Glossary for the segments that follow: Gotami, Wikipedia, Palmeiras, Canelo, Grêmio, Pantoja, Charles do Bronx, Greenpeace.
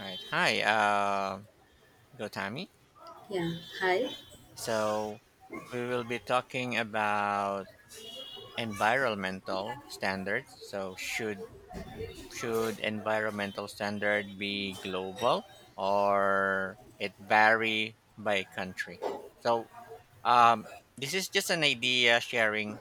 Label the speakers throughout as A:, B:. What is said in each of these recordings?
A: All right. Hi, Gotami.
B: Yeah, hi.
A: So we will be talking about environmental standards. So should environmental standard be global or it vary by country? So um, this is just an idea sharing.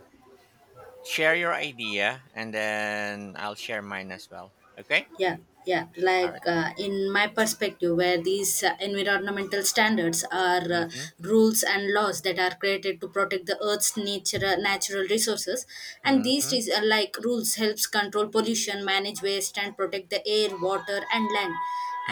A: Share your idea, and then I'll share mine as well. Okay.
B: Yeah, yeah.
A: Alright.
B: In my perspective, where these environmental standards are
A: Mm-hmm.
B: rules and laws that are created to protect the Earth's nature, natural resources, and
A: Mm-hmm.
B: like rules helps control pollution, manage waste, and protect the air, water, and land,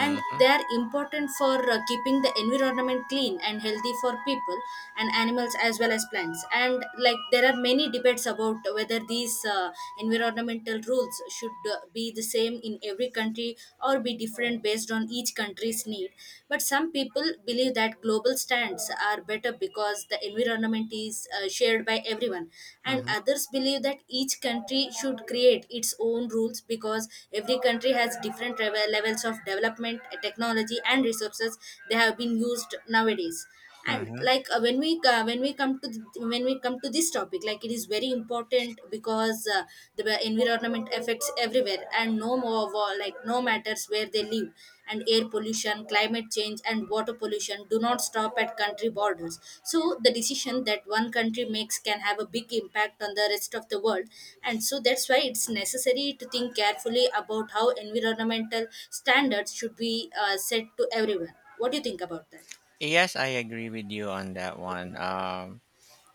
B: and they are important for keeping the environment clean and healthy for people and animals as well as plants. And like there are many debates about whether these environmental rules should be the same in every country or be different based on each country's need, but some people believe that global stands are better because the environment is shared by everyone, and
A: Mm-hmm.
B: others believe that each country should create its own rules because every country has different levels of development, technology and resources they have been used nowadays. And
A: Mm-hmm.
B: like when we come to th- when we come to this topic, like, it is very important because the environment affects everyone everywhere, and like no matters where they live. And air pollution, climate change and water pollution do not stop at country borders, so the decision that one country makes can have a big impact on the rest of the world. And so that's why it's necessary to think carefully about how environmental standards should be set to everyone. What do you think about that?
A: Yes, I agree with you on that one.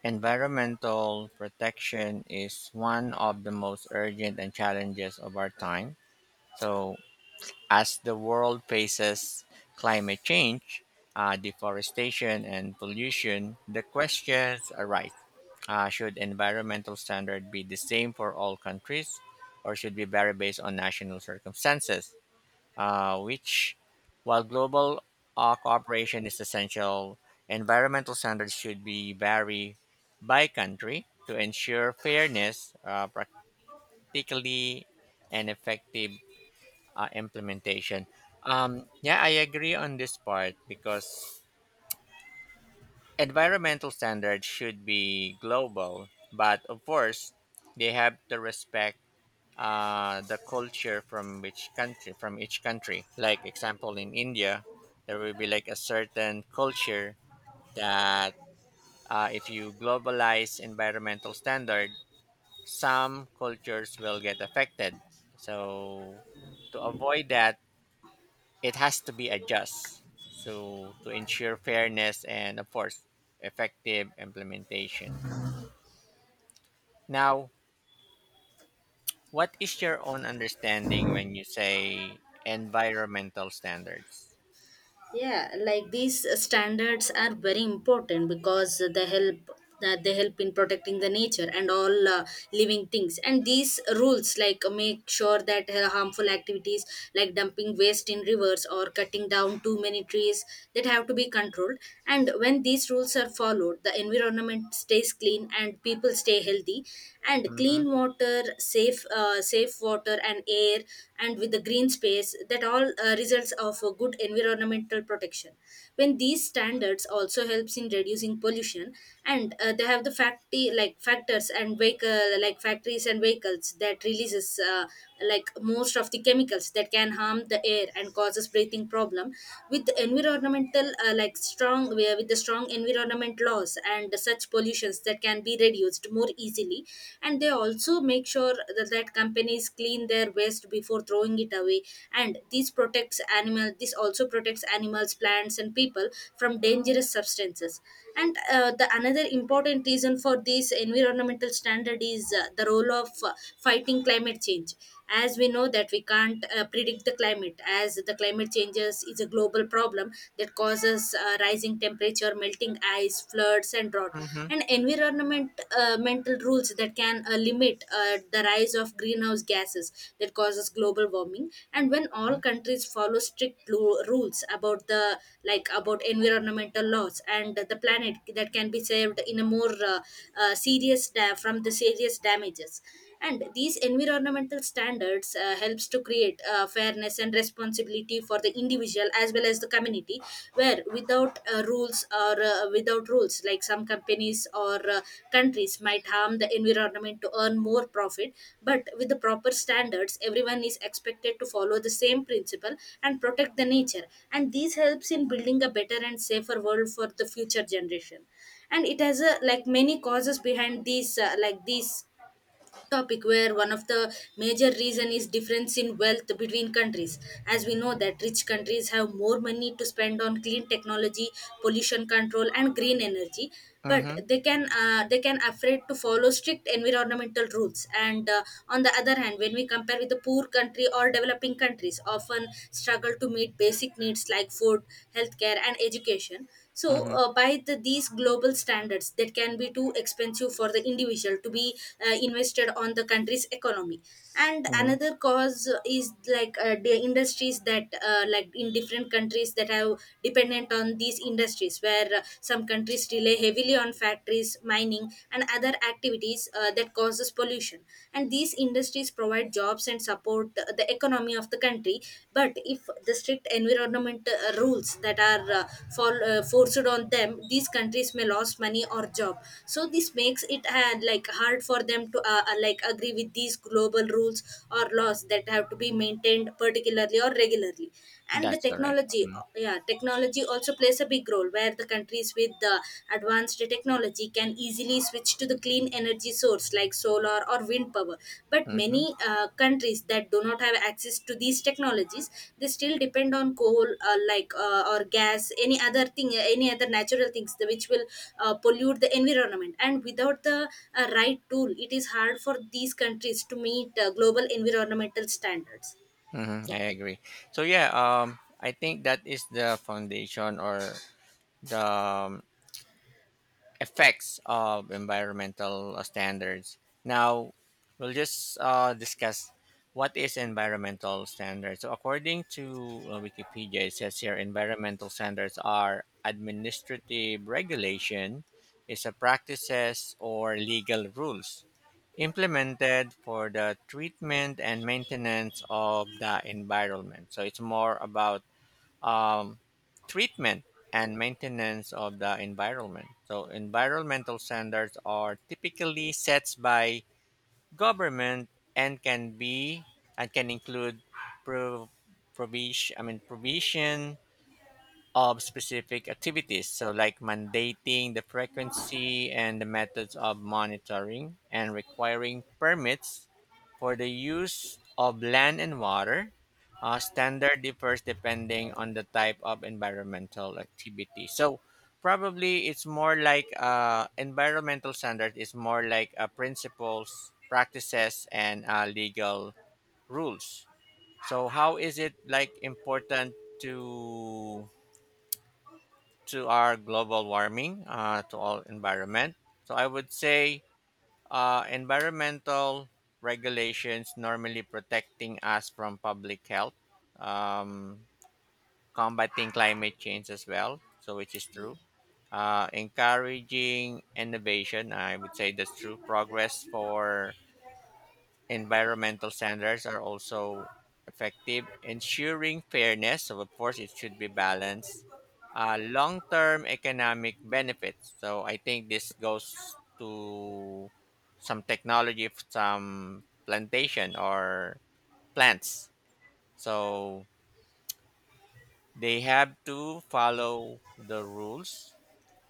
A: Environmental protection is one of the most urgent and challenges of our time. So, as the world faces climate change, deforestation, and pollution, the questions arise: Should environmental standard be the same for all countries, or should we vary based on national circumstances? uh, which, while global cooperation is essential, environmental standards should be vary by country to ensure fairness, practically, and effective implementation. Yeah, I agree on this part because environmental standards should be global, but of course, they have to respect the culture from each country from each country, like example in India, there will be like a certain culture that if you globalize environmental standard, some cultures will get affected. So to avoid that, it has to be adjust, so to ensure fairness and of course effective implementation. Now what is your own understanding when you say environmental standards?
B: Yeah, like these standards are very important because they help in protecting the nature and all living things. And these rules like make sure that harmful activities like dumping waste in rivers or cutting down too many trees that have to be controlled. And when these rules are followed, the environment stays clean and people stay healthy, and
A: Mhm.
B: clean water, safe water and air and with the green space, that all results of a good environmental protection. When these standards also helps in reducing pollution, and they have the factory like factors and vehicle like factories and vehicles that releases like most of the chemicals that can harm the air and causes breathing problem. With the strong environment laws, and such pollutions that can be reduced more easily. And they also make sure that companies clean their waste before throwing it away, and this also protects animals, plants and people from dangerous substances. And the another important reason for this environmental standard is the role of fighting climate change. As we know that we can't predict the climate, as the climate changes is a global problem that causes rising temperature, melting ice, floods and drought.
A: Mhm.
B: And environment mental rules that can limit the rise of greenhouse gases that causes global warming. And when all
A: Mhm.
B: countries follow rules about the like about environmental laws, and the planet that can be saved in a more from the serious damages. And these environmental standards helps to create fairness and responsibility for the individual as well as the community, where without rules, like some companies or countries might harm the environment to earn more profit. But with the proper standards, everyone is expected to follow the same principle and protect the nature, and this helps in building a better and safer world for the future generation. And it has a like many causes behind these topic, where one of the major reason is difference in wealth between countries. As we know that rich countries have more money to spend on clean technology, pollution control and green energy, but
A: Mhm.
B: they can afraid to follow strict environmental rules. And on the other hand, when we compare with the poor country or developing countries, often struggle to meet basic needs like food, healthcare and education, so
A: Mhm.
B: these global standards that can be too expensive for the individual to be invested on the country's economy. And
A: Mhm.
B: another cause is the industries that like in different countries that have dependent on these industries, where some countries rely heavily on factories, mining and other activities that causes pollution. And these industries provide jobs and support the economy of the country. But if the strict environment rules that are forced on them, these countries may lose money or job, so this makes it like hard for them to like agree with these global rules or laws that have to be maintained particularly or regularly. And the
A: That's correct. Mhm.
B: technology also plays a big role, where the countries with the advanced technology can easily switch to the clean energy source like solar or wind power. But many
A: Mhm.
B: countries that do not have access to these technologies, they still depend on coal, or gas, any other thing, any other natural things, which will pollute the environment. And without the right tool, it is hard for these countries to meet global environmental standards.
A: Mhm. I agree. So yeah, I think that is the foundation or the effects of environmental standards. Now, we'll just discuss what is environmental standards. So, according to Wikipedia, it says here environmental standards are administrative regulation, is a practices or legal rules implemented for the treatment and maintenance of the environment. So, it's more about um, treatment and maintenance of the environment. So, environmental standards are typically set by government and can be and can include pro- provision. I mean provision of specific activities, so like mandating the frequency and the methods of monitoring and requiring permits for the use of land and water. Standard differs depending on the type of environmental activity. So probably it's more like environmental standard is more like principles, practices, and legal rules. So how is it like important to our global warming, to all environment. So I would say environmental regulations normally protecting us from public health, um, combating climate change as well, so which is true. Encouraging innovation, I would say that's true. Progress for environmental standards are also effective, ensuring fairness. So, of course, it should be balanced. Long term economic benefits. So, I think this goes to some technology, of some plantation or plants. So, they have to follow the rules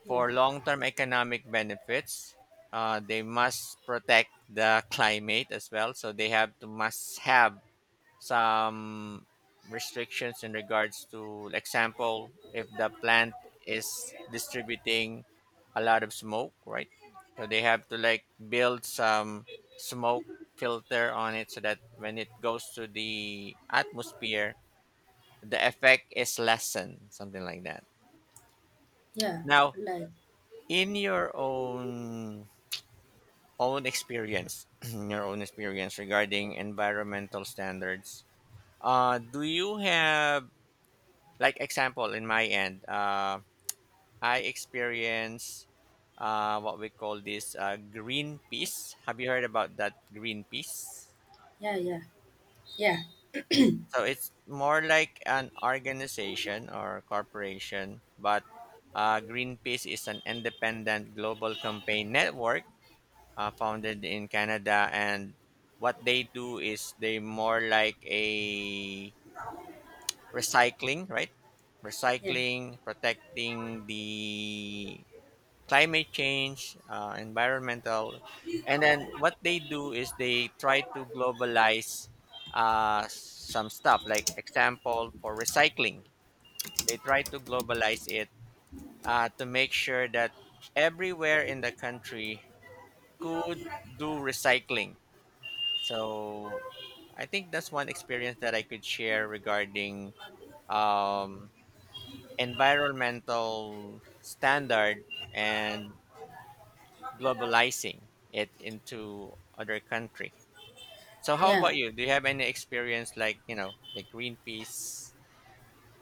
B: Yeah,
A: for long term economic benefits. They must protect the climate as well. So, they have to must have some restrictions in regards to example if the plant is distributing a lot of smoke, right? So they have to like build some smoke filter on it so that when it goes to the atmosphere the effect is lessened, something like that.
B: yeah, yeah.
A: Now
B: Like,
A: in your own experience in your own experience regarding environmental standards, do you have like example in my end? I experience what we call this Green Peace. Have you heard about that Green Peace?
B: yeah, yeah, yeah,
A: So it's more like an organization or corporation, but Greenpeace is an independent global campaign network founded in Canada. And what they do is they more like a recycling, right?
B: yeah,
A: Recycling, protecting the climate change, environmental, and then what they do is they try to globalize some stuff. Like example for recycling, they try to globalize it to make sure that everywhere in the country could do recycling. So I think that's one experience that I could share regarding um, environmental standard and globalizing it into other country. So how
B: yeah.
A: about you? Do you have any experience like, you know, the Greenpeace?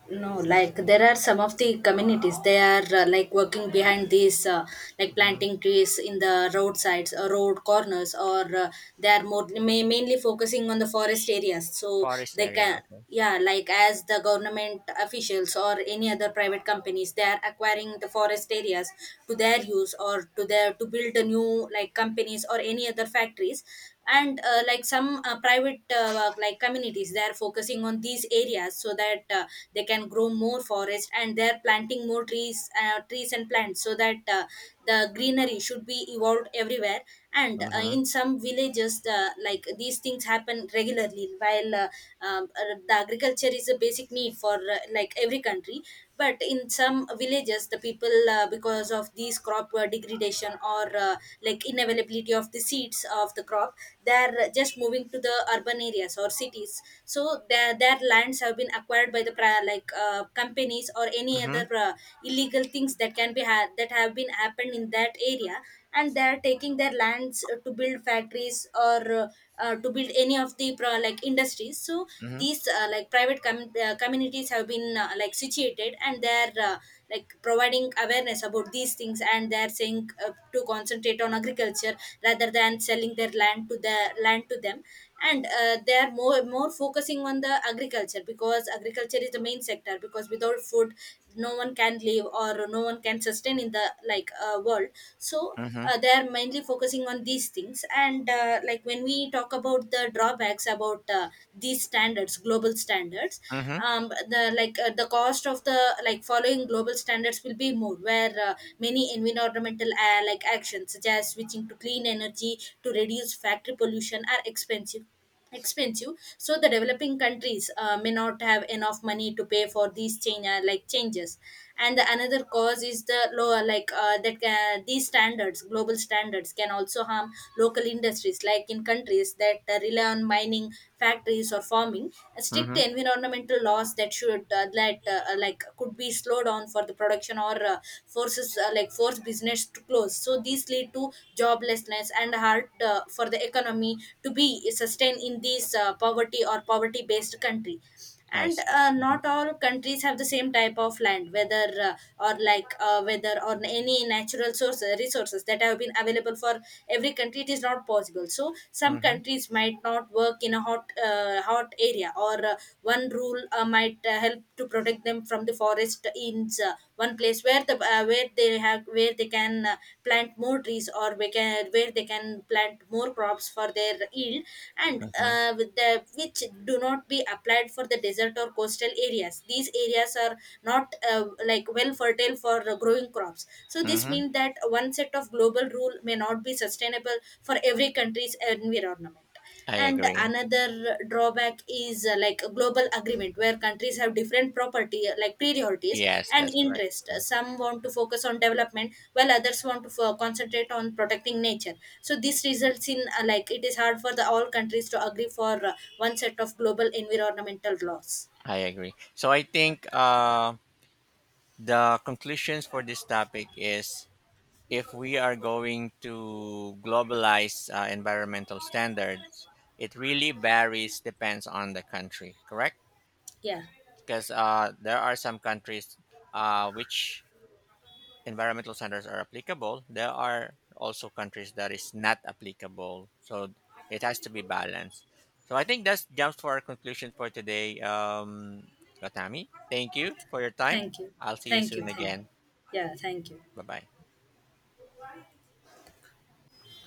B: No, like there are some of the communities, they are like working behind these like
A: Hmm.
B: planting trees in the roadsides or road corners, or they are more ma- mainly focusing on the forest areas, so
A: Forest
B: they
A: area?
B: can.
A: Okay.
B: Yeah, like as the government officials or any other private companies, they are acquiring the forest areas to their use, or to their to build a new like companies or any other factories. And like some private like communities, they are focusing on these areas so that they can grow more forest, and they're planting more trees, and plants, so that the greenery should be evolved everywhere. And
A: Mm-hmm.
B: in some villages, the like these things happen regularly. While the agriculture is a basic need for like every country, but in some villages the people because of these crop degradation or like inavailability of the seeds of the crop, they are just moving to the urban areas or cities. So their lands have been acquired by covered by the companies or any
A: Mm-hmm.
B: other illegal things that can be had that have been happened in that area. And they are taking their lands to build factories or to build any of the like industries. So
A: Mm-hmm.
B: these communities have been like situated, and they are like providing awareness about these things, and they are saying to concentrate on agriculture rather than selling their land to the land to them. And they are more more focusing on the agriculture, because agriculture is the main sector, because without food no one can live or no one can sustain in the world. So
A: Mm-hmm.
B: they are mainly focusing on these things. And like when we talk about the drawbacks about these standards, global standards,
A: Mm-hmm.
B: the cost of the like following global standards will be more, where many environmental like actions such as switching to clean energy to reduce factory pollution are expensive. So the developing countries may not have enough money to pay for these change like changes. And the another cause is the lower like that these standards, global standards can also harm local industries, like in countries that rely on mining, factories or for farming, strict
A: Mm-hmm.
B: environmental laws that should that like could be slowed down for the production, or forces like force business to close. So these lead to joblessness and hard for the economy to be sustained in this poverty or poverty based country.
A: I
B: And
A: see. Mm-hmm.
B: not all countries have the same type of land, whether or like whether or any natural source resources that have been available for every country, it is not possible. So some
A: Mm-hmm.
B: countries might not work in a hot area, or one rule might help to protect them from the forest in one place where the where they have where they can plant more trees, or where they can plant more crops for their yield. And
A: Mm-hmm.
B: with the which do not be applied for the desert or coastal areas, these areas are not like well fertile for growing crops. So this
A: Mm-hmm.
B: means that one set of global rule may not be sustainable for every country's environment.
A: I
B: And
A: agree.
B: another drawback is like a global agreement, where countries have different property like priorities
A: Yes,
B: and
A: that's correct.
B: interest. Some want to focus on development while others want to concentrate on protecting nature. So this results in like it is hard for the all countries to agree for one set of global environmental laws.
A: I agree. So I think the conclusions for this topic is if we are going to globalize environmental standards, it really varies depends on the country, correct?
B: Yeah,
A: Because there are some countries which environmental standards are applicable. There are also countries that is not applicable. So it has to be balanced. So I think that's jumps for our conclusion for today. Watami, thank you for your time.
B: thank you.
A: I'll see you
B: Thank you.
A: soon
B: Thank you,
A: again.
B: yeah, thank you.
A: Bye bye.